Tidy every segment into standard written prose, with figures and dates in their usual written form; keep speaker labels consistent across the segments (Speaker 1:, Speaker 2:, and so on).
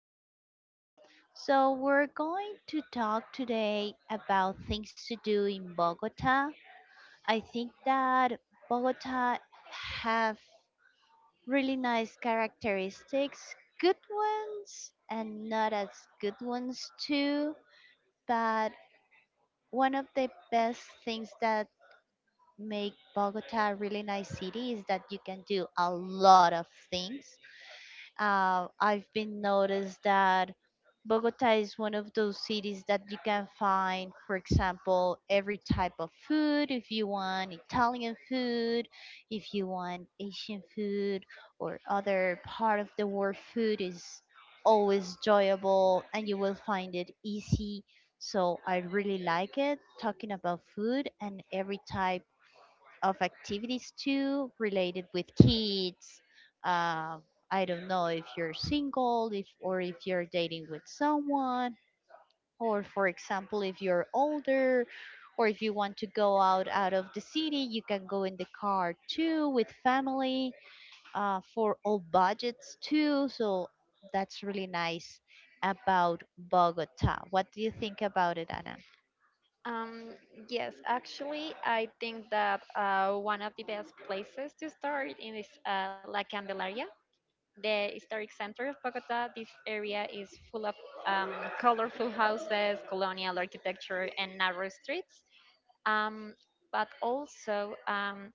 Speaker 1: hi. So, we're going to talk today about things to do in Bogota. I think that Bogota have really nice characteristics, good ones and not as good ones too, but one of the best things that make Bogota a really nice city is that you can do a lot of things. I've been noticed that Bogota is one of those cities that you can find, for example, every type of food. If you want Italian food, if you want Asian food, or other part of the world food is always enjoyable and you will find it easy. So I really like it talking about food and every type of activities too related with kids. Uh, I don't know if you're single, if or if you're dating with someone, or for example, if you're older, or if you want to go out of the city, you can go in the car too with family for all budgets too. So that's really nice about Bogota. What do you think about it, Anna?
Speaker 2: Um, yes, actually, I think that one of the best places to start in is La Candelaria, the historic center of Bogota. This area is full of um, colorful houses, colonial architecture, and narrow streets. Um, but also,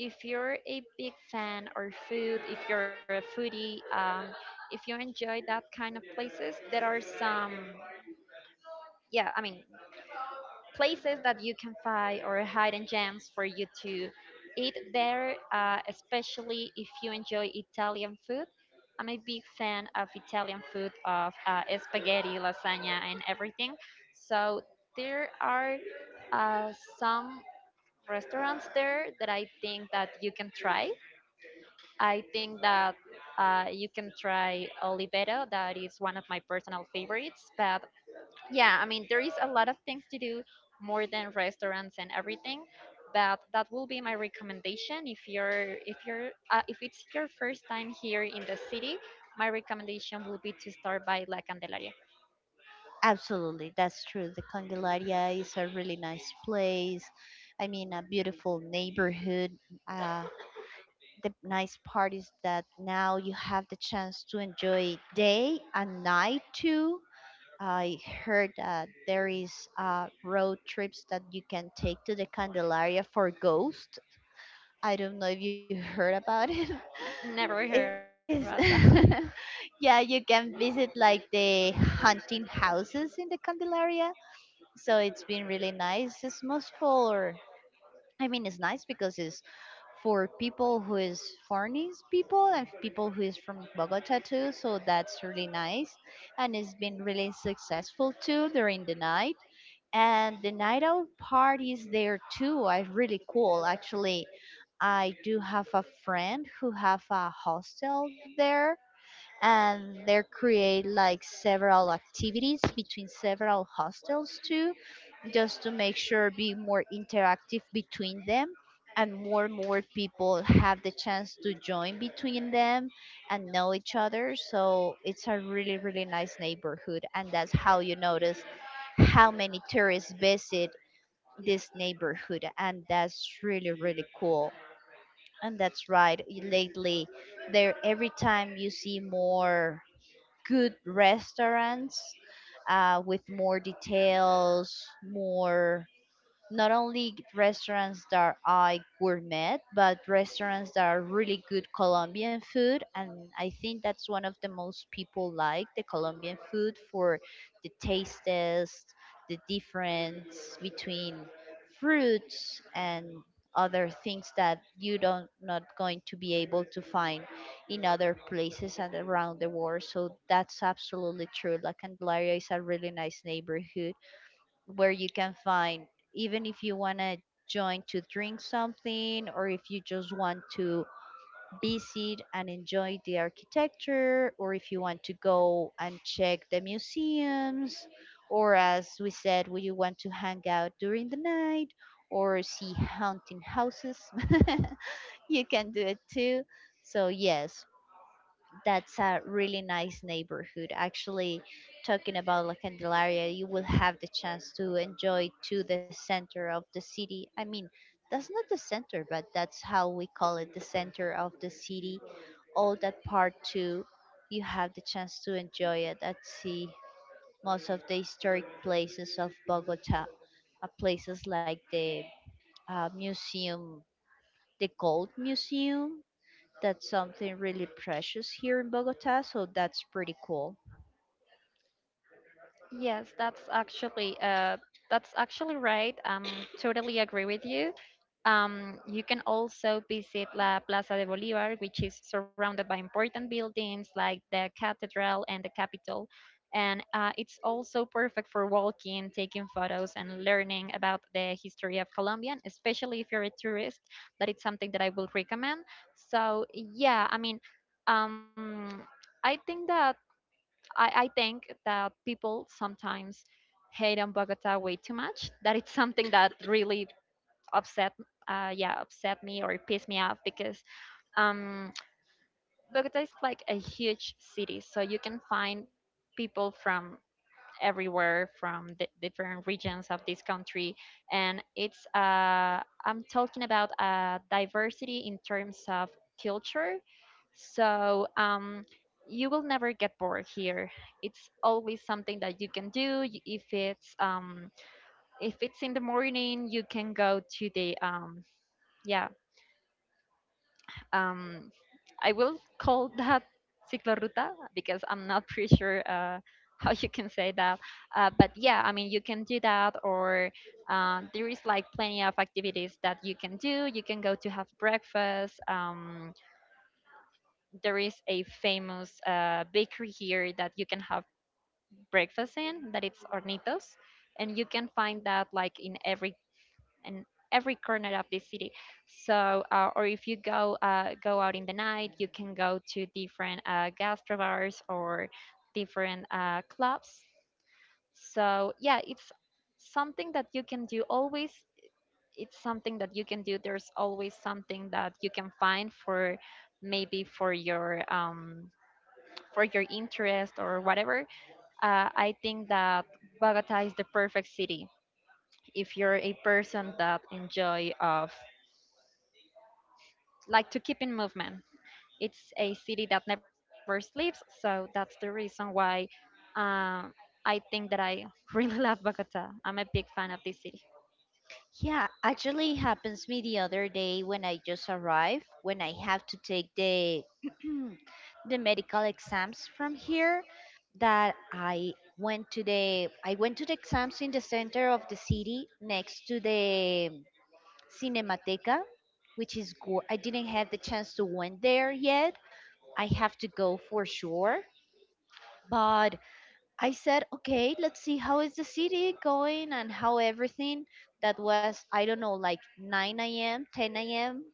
Speaker 2: if you're a big fan of food, if you're a foodie, if you enjoy that kind of places, there are some yeah i mean places that you can find or hidden gems for you to eat there, especially if you enjoy Italian food. I'm a big fan of Italian food, of spaghetti, lasagna, and everything. So there are some restaurants there that I think that you can try. I think that you can try Oliveto, that is one of my personal favorites, but there is a lot of things to do, more than restaurants and everything, but that will be my recommendation. If you're if it's your first time here in the city, my recommendation will be to start by La Candelaria.
Speaker 1: Absolutely, that's true. The Candelaria is a really nice place. I mean, a beautiful neighborhood. Uh, the nice part is that now you have the chance to enjoy day and night too. I heard that there is road trips that you can take to the Candelaria for ghost. I don't know if you heard about it.
Speaker 2: Never heard about that.
Speaker 1: Is yeah, you can visit like the hunting houses in the Candelaria, so it's been really nice. It's most for, I mean, it's nice because it's for people who is foreigners people and people who is from Bogota too, so that's really nice. And it's been really successful too during the night, and the night out parties there too are really cool. Actually, I do have a friend who have a hostel there, and they create like several activities between several hostels too, just to make sure be more interactive between them, and more people have the chance to join between them and know each other, so it's a really really nice neighborhood, and that's how you notice how many tourists visit this neighborhood, and that's really really cool. And that's right, lately there every time you see more good restaurants, with more details, more not only restaurants that are gourmet, but restaurants that are really good Colombian food. And I think that's one of the most people like the Colombian food for the taste test, the difference between fruits and other things that you don't not going to be able to find in other places and around the world. So that's absolutely true. La Candelaria is a really nice neighborhood where you can find, even if you want to join to drink something, or if you just want to visit and enjoy the architecture, or if you want to go and check the museums, or as we said, we you want to hang out during the night, or see haunting houses, you can do it too. So yes, that's a really nice neighborhood. Actually, talking about La Candelaria, you will have the chance to enjoy to the center of the city. I mean, that's not the center, but that's how we call it, the center of the city. All that part too, you have the chance to enjoy it and see most of the historic places of Bogota, places like the museum, the Gold Museum, that's something really precious here in Bogota, so that's pretty cool.
Speaker 2: Yes, that's actually that's actually right. Totally agree with you. You can also visit La Plaza de Bolívar, which is surrounded by important buildings like the cathedral and the Capitol, and it's also perfect for walking, taking photos, and learning about the history of Colombia. And Especially if you're a tourist, that it's something that I will recommend. So yeah, I mean, um, I think that I think that people sometimes hate on Bogota way too much. That it's something that really upset, yeah, upset me or pissed me off because um, Bogota is like a huge city, so you can find people from everywhere, from the different regions of this country. And it's I'm talking about diversity in terms of culture. So you will never get bored here. It's always something that you can do. If it's if it's in the morning, you can go to the yeah um, I will call that cicloruta because I'm not pretty sure how you can say that. But yeah, I mean, you can do that, or there is like plenty of activities that you can do. You can go to have breakfast. There is a famous bakery here that you can have breakfast in, that it's Hornitos. And you can find that like in every corner of the city. So, or if you go out in the night, you can go to different gastro bars or different clubs. So, yeah, it's something that you can do always. It's something that you can do. There's always something that you can find for maybe for your interest or whatever. I think that Bogota is the perfect city if you're a person that enjoy of like to keep in movement. It's a city that never sleeps, so that's the reason why uh, I think that I really love Bogota. I'm a big fan of this city.
Speaker 1: Yeah, actually it happens me the other day when I just arrived, when I have to take the the medical exams from here, that I went to the I went to the exams in the center of the city next to the Cinemateca, which is I didn't have the chance to went there yet. I have to go for sure, but I said, okay, let's see how is the city going and how everything. That was, I don't know, like 9 a.m., 10 a.m.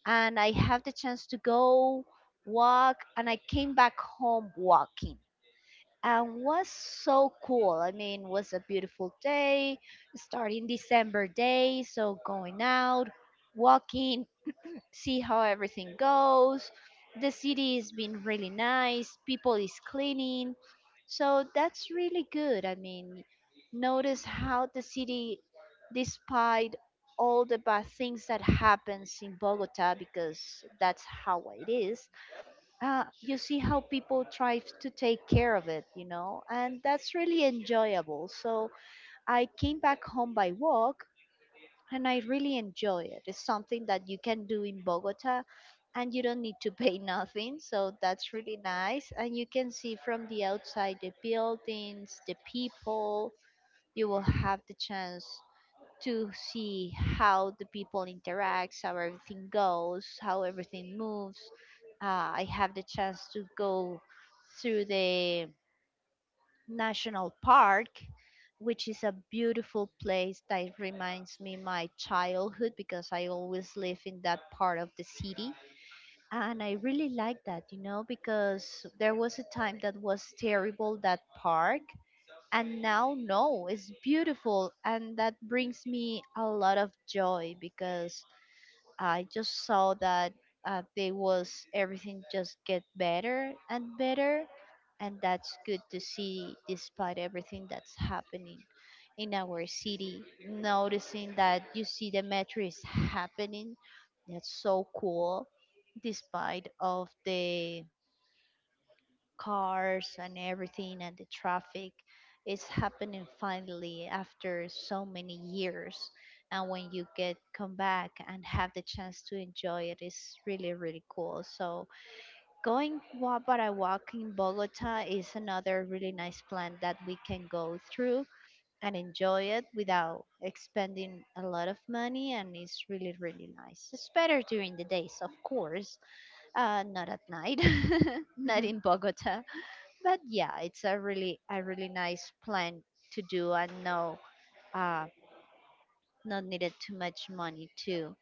Speaker 1: And I have the chance to go walk. And I came back home walking, and was so cool. I mean, was a beautiful day, starting December day. So going out, walking, see how everything goes. The city is being really nice, people is cleaning. So that's really good. I mean, notice how the city, despite all the bad things that happens in Bogota, because that's how it is. You see how people try to take care of it, you know, and that's really enjoyable. So I came back home by walk, and I really enjoy it. It's something that you can do in Bogota, and you don't need to pay nothing. So that's really nice. And you can see from the outside the buildings, the people. You will have the chance to see how the people interacts, how everything goes, how everything moves. I have the chance to go through the national park, which is a beautiful place that reminds me my childhood, because I always live in that part of the city, and I really like that, you know, because there was a time that was terrible that park, and now no, it's beautiful, and that brings me a lot of joy because I just saw that they was everything just get better and better, and that's good to see despite everything that's happening in our city. Noticing that you see the metro is happening, that's so cool. Despite of the cars and everything and the traffic is happening finally after so many years, and when you get come back and have the chance to enjoy it, it is really really cool. So going walk, but I walk in Bogota is another really nice plan that we can go through and enjoy it without expending a lot of money, and it's really really nice. It's better during the days, of course. Not at night, not
Speaker 2: Mhm.
Speaker 1: in Bogota. But yeah, it's a really nice plan to do, and no uh not needed too much money too.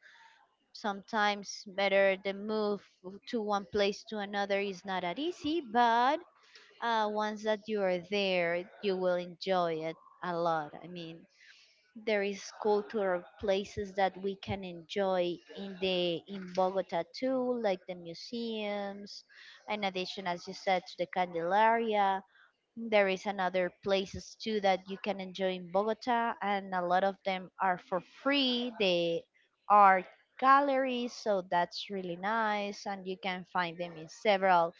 Speaker 1: Sometimes better the move to one place to another is not that easy, but once that you are there, you will enjoy it a lot. I mean, there is cultural places that we can enjoy in Bogota too, like the museums. In addition, as you said, to the Candelaria, there is another places too that you can enjoy in Bogota, and a lot of them are for free. They are galleries, so that's really nice, and you can find them in several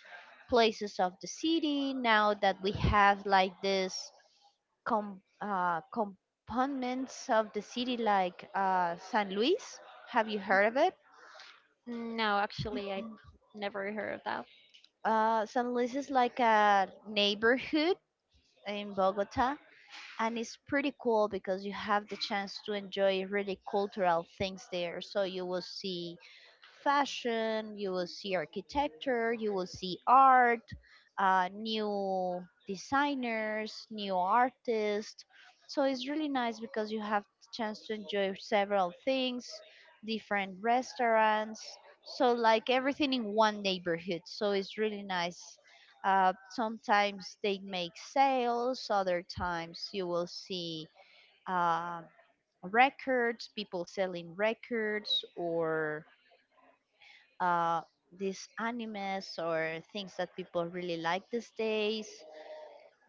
Speaker 1: places of the city. Now that we have like this components of the city, like San Luis, have you heard of it?
Speaker 2: No, actually, I never heard of that.
Speaker 1: San Luis is like a neighborhood in Bogota, and it's pretty cool because you have the chance to enjoy really cultural things there, so you will see fashion, you will see architecture, you will see art, new designers, new artists. So it's really nice because you have the chance to enjoy several things, different restaurants, so like everything in one neighborhood, so it's really nice. Sometimes they make sales, other times you will see uh, records, people selling records, or uh, these animes or things that people really like these days.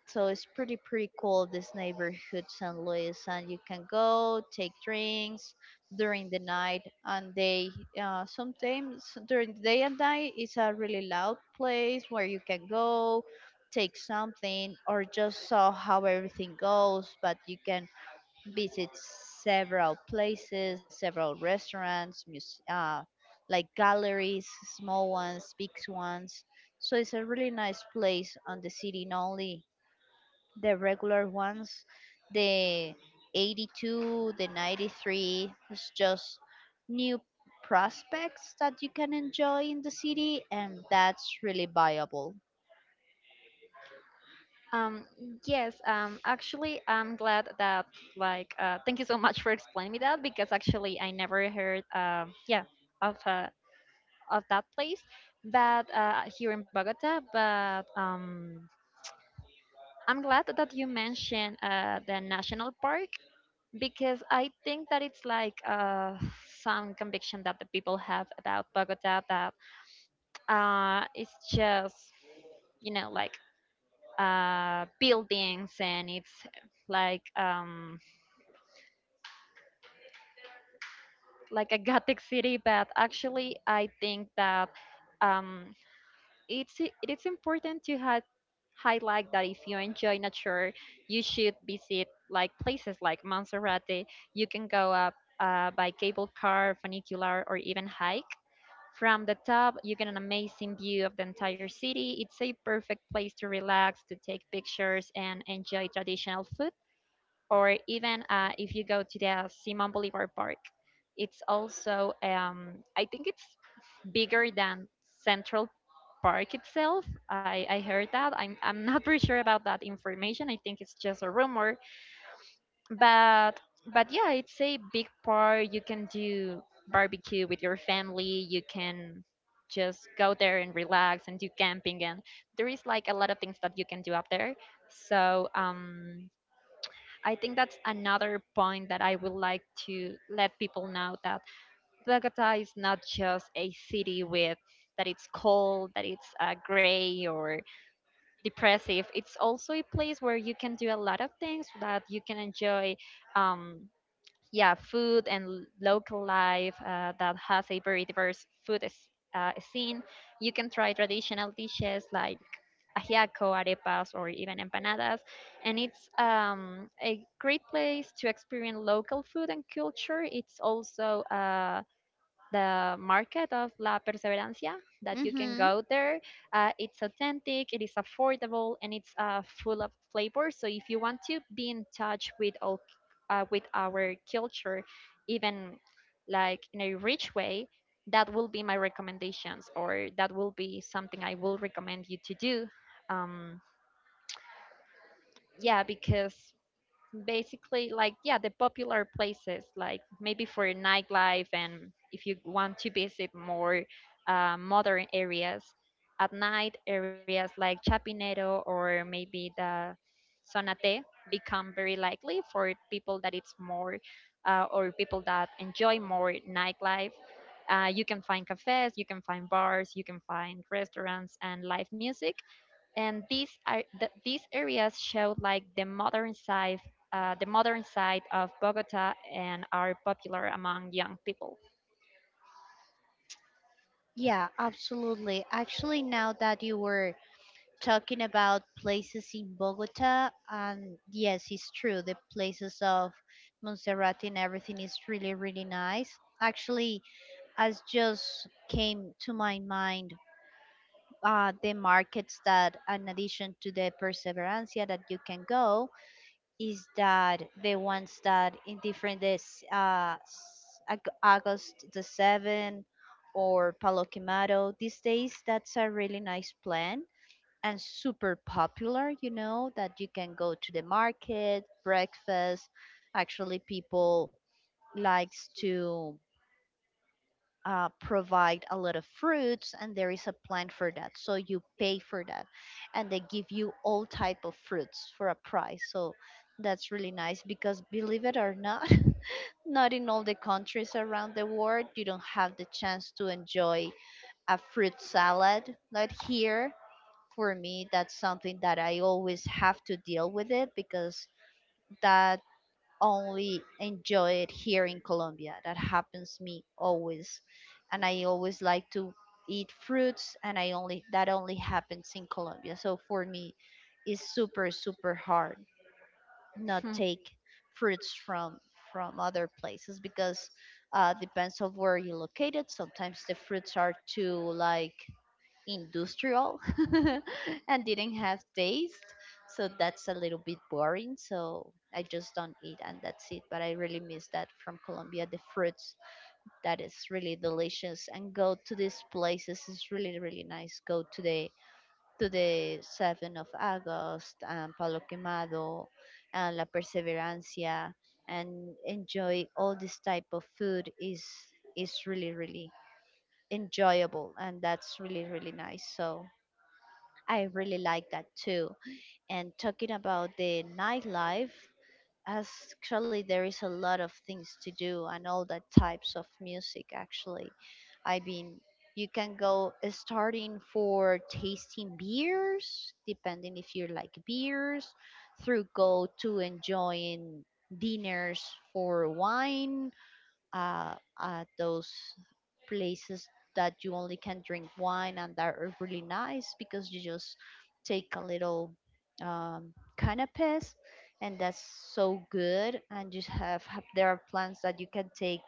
Speaker 1: So it's pretty pretty cool this neighborhood, San Luis, and you can go take drinks during the night, and they sometimes during the day and night, it's a really loud place where you can go take something or just saw how everything goes, but you can visit several places, several restaurants, like galleries, small ones, big ones, so it's a really nice place on the city. Not only the regular ones, the 82, the 93. It's just new prospects that you can enjoy in the city, and that's really viable.
Speaker 2: Um, yes, actually, I'm glad that, like, thank you so much for explaining me that because actually I never heard, yeah, of uh, of that place, but here in Bogota. But I'm glad that you mentioned the national park because I think that it's like some conviction that the people have about Bogota that it's just, you know, like buildings and it's like um, like a gothic city, but actually I think that um, it's it is important to have highlight that if you enjoy nature, you should visit like places like Monserrate. You can go up by cable car funicular or even hike. From the top, you get an amazing view of the entire city. It's a perfect place to relax, to take pictures, and enjoy traditional food. Or even if you go to the Simon Bolivar Park, it's also I think it's bigger than Central Park itself. I heard that. I'm not pretty sure about that information. I think it's just a rumor, but but yeah, it's a big park. You can do barbecue with your family. You can just go there and relax and do camping, and there is like a lot of things that you can do up there. So I think that's another point that I would like to let people know, that Bogota is not just a city with that it's cold, that it's gray or depressive. It's also a place where you can do a lot of things that you can enjoy. Um, yeah, food and local life, that has a very diverse food scene. You can try traditional dishes like ajiaco, arepas, or even empanadas, and it's a great place to experience local food and culture. It's also the market of La Perseverancia that you can
Speaker 1: Mm-hmm.
Speaker 2: go there. It's authentic, it is affordable, and it's full of flavor. So if you want to be in touch with all with our culture, even like in a rich way, that will be my recommendations, or that will be something I will recommend you to do. Um, yeah, because basically like yeah the popular places like maybe for nightlife. And if you want to visit more modern areas at night, areas like Chapinero or maybe the Zona T become very likely for people that it's more or people that enjoy more nightlife. You can find cafes, you can find bars, you can find restaurants and live music, and these areas show like the modern side, the modern side of Bogota and are popular among young people.
Speaker 1: Yeah, absolutely. Actually, now that you were talking about places in Bogota, and yes, it's true, the places of Montserrat and everything is really, really nice. Actually, as just came to my mind the markets that in addition to the Perseverancia that you can go, is that the ones that in different this august the 7th or
Speaker 2: Or
Speaker 1: Palo
Speaker 2: Calabacado.
Speaker 1: Quemado these
Speaker 2: These
Speaker 1: days,
Speaker 2: days,
Speaker 1: that's
Speaker 2: that's
Speaker 1: a
Speaker 2: a
Speaker 1: really
Speaker 2: very nice
Speaker 1: nice plan,
Speaker 2: plant and
Speaker 1: and super
Speaker 2: super popular.
Speaker 1: popular, you know,
Speaker 2: That
Speaker 1: that you
Speaker 2: you
Speaker 1: can
Speaker 2: can go
Speaker 1: go to
Speaker 2: to
Speaker 1: the
Speaker 2: the
Speaker 1: market
Speaker 2: market. Breakfast.
Speaker 1: breakfast. Actually
Speaker 2: Actually, people
Speaker 1: people
Speaker 2: like
Speaker 1: likes
Speaker 2: to
Speaker 1: to
Speaker 2: provide
Speaker 1: provide
Speaker 2: a
Speaker 1: a
Speaker 2: lot
Speaker 1: lot of
Speaker 2: of
Speaker 1: fruits,
Speaker 2: fruits,
Speaker 1: and
Speaker 2: and
Speaker 1: there
Speaker 2: there is
Speaker 1: is a
Speaker 2: a
Speaker 1: plan for that, so you
Speaker 2: it.
Speaker 1: pay for that, and they give you all type of fruits
Speaker 2: Types.
Speaker 1: for a price. So that's really nice because, believe it or not, not in all the countries around the world you don't have the chance to enjoy a fruit salad like here. For me that's something that I always have to deal with it, because that only enjoy it here in Colombia. That happens me always. And I always like to eat fruits and I only that only happens in Colombia. So for me it's super super hard not take fruits from other places because depends of where you're located. Sometimes the fruits are too like industrial and didn't have taste. So that's a little bit boring. So I just don't eat and that's it. But I really miss that from Colombia. The fruits that is really delicious and go to these places is really, really nice. Go to the 7th of August and Palo Quemado and La Perseverancia and enjoy all this type of food is really really enjoyable and that's really really nice, so I really like that too. And talking about the nightlife, actually, there is a lot of things to do and all the types of music, actually. I mean, you can go starting for tasting beers, depending if you like beers, through go to enjoying dinners for wine uh, at those places that you only can drink wine and that are really nice because you just take a little canapes, and that's so good, and you have there are plans that you can take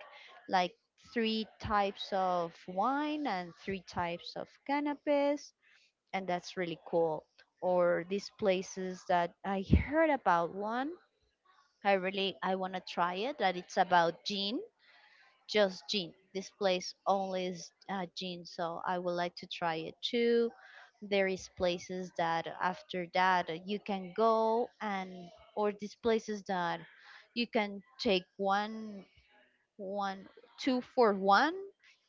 Speaker 1: like three types of wine and three types of canapes, and that's really cool. Or these places that I heard about one, I want to try it, that it's about gin, just gin. This place only is gin, so I would like to try it too. There is places that after that you can go, and or these places that you can take one one two for one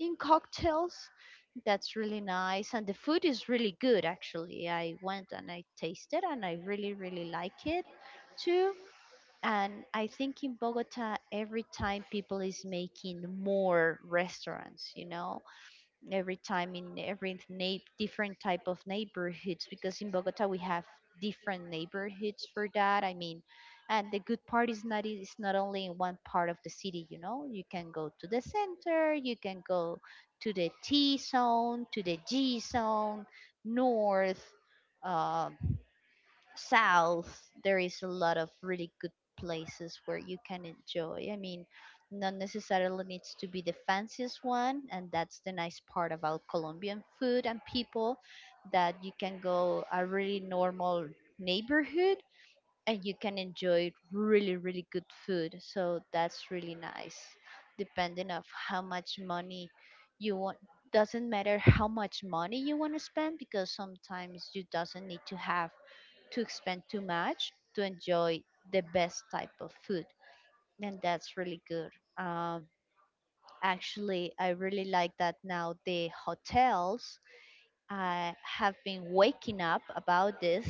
Speaker 1: in cocktails. That's really nice, and the food is really good actually. I went and I tasted and I really really like it too, and I think in Bogota every time people is making more restaurants. Every time in every different type of neighborhoods, because in Bogota we have different neighborhoods for that, I mean. And the good part is not it's not only in one part of the city, you can go to the center, you can go to the T zone, to the G zone, north, uh, south. There is a lot of really good places where you can enjoy, I mean, not necessarily needs to be the fanciest one, and that's the nice part about Colombian food and people, that you can go a really normal neighborhood and you can enjoy really really good food, so that's really nice. Depending of how much money you want, doesn't matter how much money you want to spend, because sometimes you doesn't need to have to expend too much to enjoy the best type of food. And that's really good. Um, Actually, I really like that now the hotels, I have been waking up about this,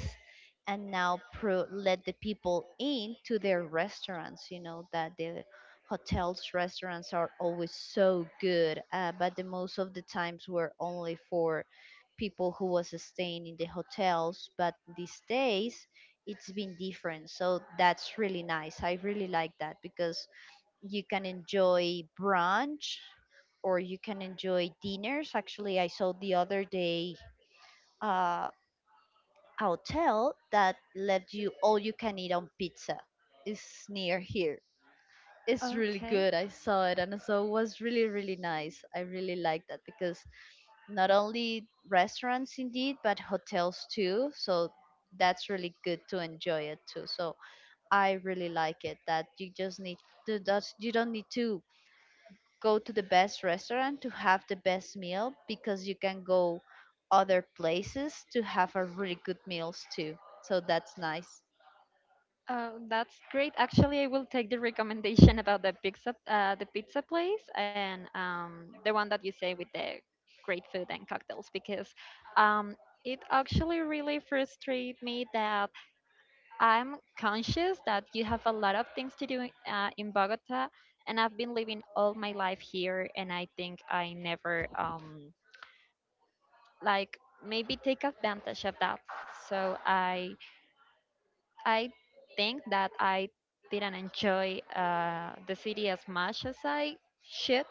Speaker 1: and now let the people in to their restaurants. You know that the hotels restaurants are always so good, but the most of the times were only for people who was staying in the hotels. But these days it's been different, so that's really nice. I really like that because you can enjoy brunch or you can enjoy dinners. Actually, I saw the other day a hotel that left you all you can eat on pizza. It's near here. It's really good. I saw it and so it was really, really nice. I really like that because not only restaurants indeed, but hotels too. So that's really good to enjoy it too. So I really like it that you just need to that you don't need to go to the best restaurant to have the best meal, because you can go other places to have a really good meals too. So that's nice.
Speaker 2: That's great. Actually, I will take the recommendation about the pizza place, and the one that you say with the great food and cocktails, because um, it actually really frustrates me that I'm conscious that you have a lot of things to do in Bogota, and I've been living all my life here, and I think I never like maybe take advantage of that. So I think that I didn't enjoy the city as much as I should.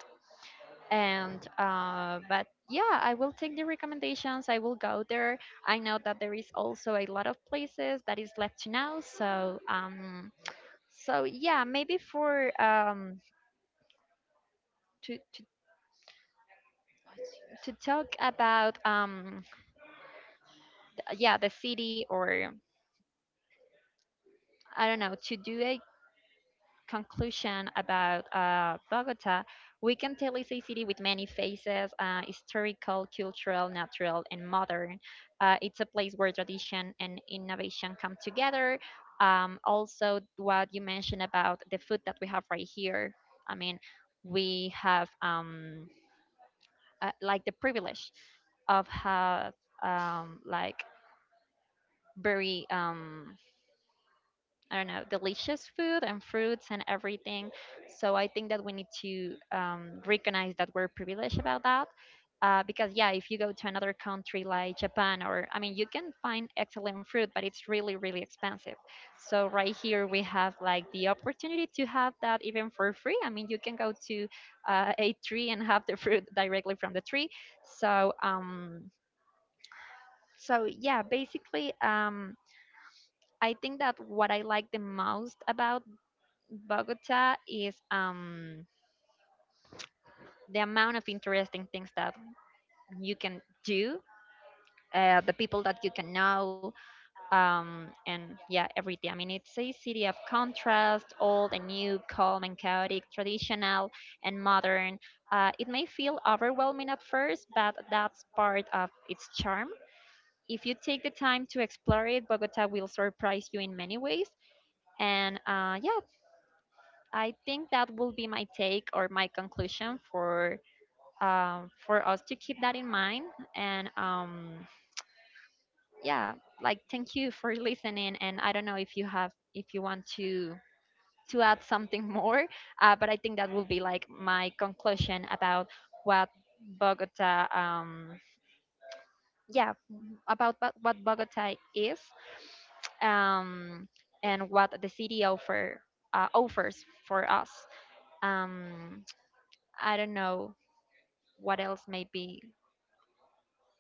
Speaker 2: And but yeah, I will take the recommendations. I will go there. I know that there is also a lot of places that is left to know. So so yeah, maybe for to to, to talk about yeah the city, or I don't know, to do a conclusion about Bogota, we can tell it's a city with many faces, historical, cultural, natural, and modern. It's a place where tradition and innovation come together. Also, what you mentioned about the food that we have right here. I mean, we have like the privilege of have like very I don't know, delicious food and fruits and everything. So I think that we need to recognize that we're privileged about that. Because yeah, if you go to another country like Japan, or I mean, you can find excellent fruit, but it's really, really expensive. So right here we have like the opportunity to have that even for free. I mean, you can go to a tree and have the fruit directly from the tree. So so yeah, basically I think that what I like the most about Bogota is the amount of interesting things that you can do, the people that you can know, and yeah, everything. I mean, it's a city of contrast, old and new, calm and chaotic, traditional and modern. It may feel overwhelming at first, but that's part of its charm. If you take the time to explore it, Bogota will surprise you in many ways. And yeah, I think that will be my take or my conclusion for us to keep that in mind. And yeah, like thank you for listening. And I don't know if you have if you want to add something more, but I think that will be like my conclusion about what Bogota yeah about what Bogota is, um, and what the city offers for us. Um, I don't know what else maybe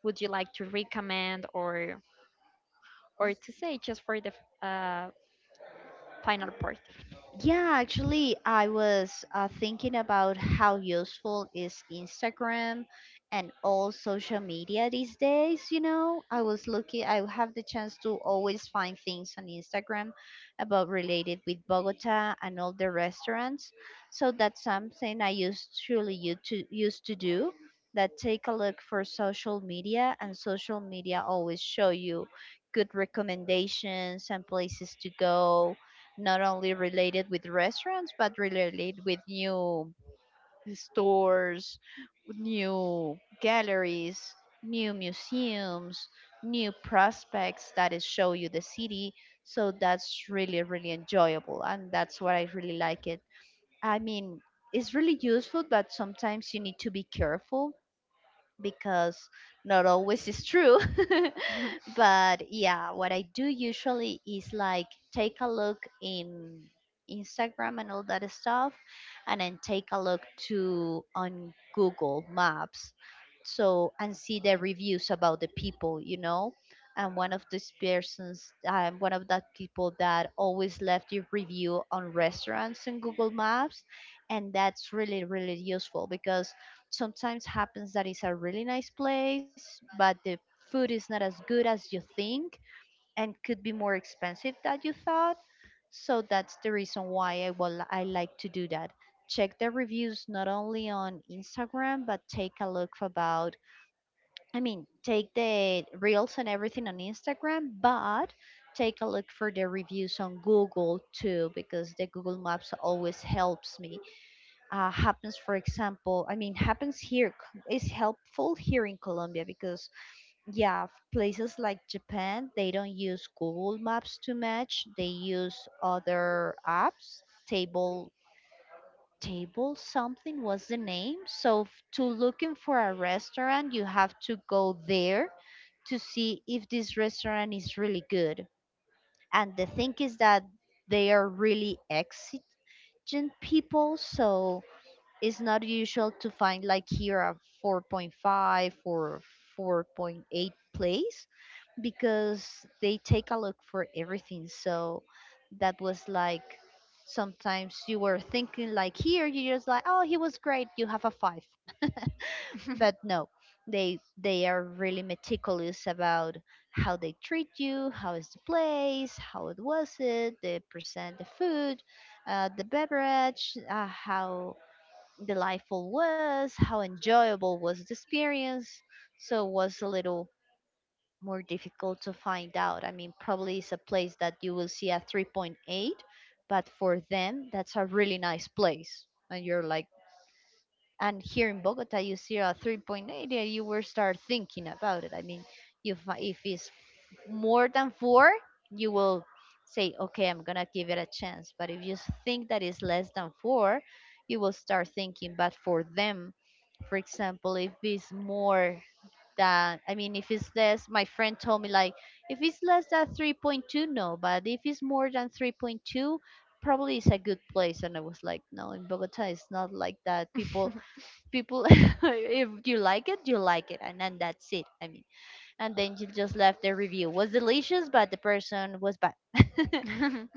Speaker 2: would you like to recommend or to say just for the final part.
Speaker 1: Yeah, actually, I was thinking about how useful is Instagram and all social media these days. You know, I was lucky; I have the chance to always find things on Instagram about related with Bogota and all the restaurants. So that's something I used truly used to do. That take a look for social media, and social media always show you good recommendations and places to go, not only related with restaurants but related with new stores, new galleries, new museums, new prospects that is show you the city. So that's really really enjoyable, and that's what I really like it, I mean. It's
Speaker 2: It's
Speaker 1: really
Speaker 2: really good,
Speaker 1: useful,
Speaker 2: but
Speaker 1: but
Speaker 2: sometimes
Speaker 1: sometimes you
Speaker 2: you
Speaker 1: need
Speaker 2: need
Speaker 1: to
Speaker 2: to.
Speaker 1: be careful because not
Speaker 2: Not all this
Speaker 1: always is
Speaker 2: is
Speaker 1: true.
Speaker 2: true. But it's like,
Speaker 1: But yeah, what I do usually is like take a look in Instagram and all that stuff, and then take a look to on Google Maps, so and see the reviews about the people. And one of these persons, one of that people that always left a review on restaurants in Google Maps, and that's really really useful, because sometimes happens that it's a really nice place, but the food is not as good as you think and could be more expensive than you thought. So that's the reason why I like to do that. Check the reviews not only on Instagram, but take a look about, I mean, take the reels and everything on Instagram, but take a look for the reviews on Google too, because the Google Maps always helps me. Happens for example, I mean, happens here, is helpful here in Colombia, because yeah, places like Japan, they don't use Google Maps too much, they use other apps. Table, table something was the name, so to looking for a restaurant you have to go there to see if this restaurant is really good. And the thing is that they are really exit intelligent people, so it's not usual to find like here a 4.5 or 4.8 place, because they take a look for everything. So that was like, sometimes you were thinking like here you just like, oh, he was great, you have a 5.
Speaker 2: and then take
Speaker 1: But
Speaker 2: them
Speaker 1: no, they are really meticulous about how they treat you, how is the place, how it was it, they present the food, the beverage, how delightful was, how enjoyable was the experience. So it was a little more difficult to find out. I mean, probably it's a place that you will see a 3.8, but for them, that's a really nice place. And you're like, and here in Bogota, you see a 3.8, and you will start thinking about it. I mean, if it's more than four, you will say, okay, I'm going to give it a chance. But if you think that is less than four, you will start thinking, but for them, for example, if it's more than, I mean, if it's less, my friend told me, like, if it's less than 3.2, no, but if it's more than 3.2, probably it's a good place. And I was like, no, in Bogota it's not like that. People, if you like it, you like it, and then that's it, I mean. And then she just left the review. Was delicious, but the person was bad.
Speaker 2: to.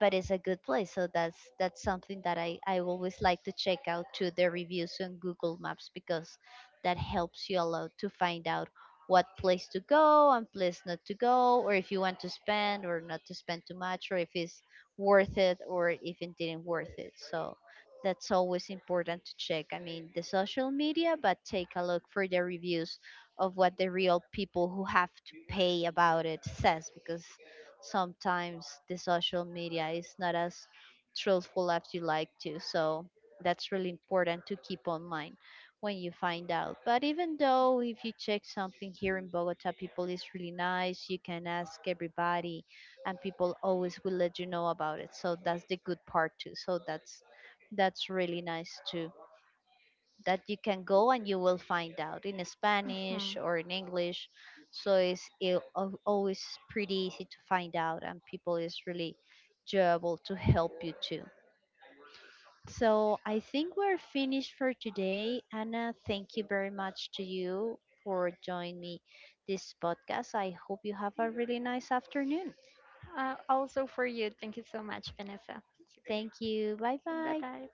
Speaker 1: But it's a good place, so that's something that I always like to check out, to the reviews on Google Maps, because that helps you a lot to find out what place to go and place not to go, or if you want to spend or not to spend too much, or if it's worth it or if it didn't worth it. So that's always important to check, I mean, the social media, but take a look for the reviews of what the real people who have to pay about it says, because sometimes the social media is not as truthful as you like to. So that's really important to keep on mind when you find out. But even though if you check something here in Bogota, people is really nice. You can ask everybody, and people always will let you know about it. So that's the good part too. So that's really nice too, that you can go and you will find out in Spanish
Speaker 2: Mhm.
Speaker 1: or in English. So it's always pretty easy to find out, and people is really enjoyable to help you too. So I think we're finished for today. Anna, thank you very much to you for joining me this podcast. I hope you have a really nice afternoon.
Speaker 2: Also for you. Thank you so much, Vanessa.
Speaker 1: Thank you. Bye
Speaker 2: Bye
Speaker 1: bye.
Speaker 2: bye.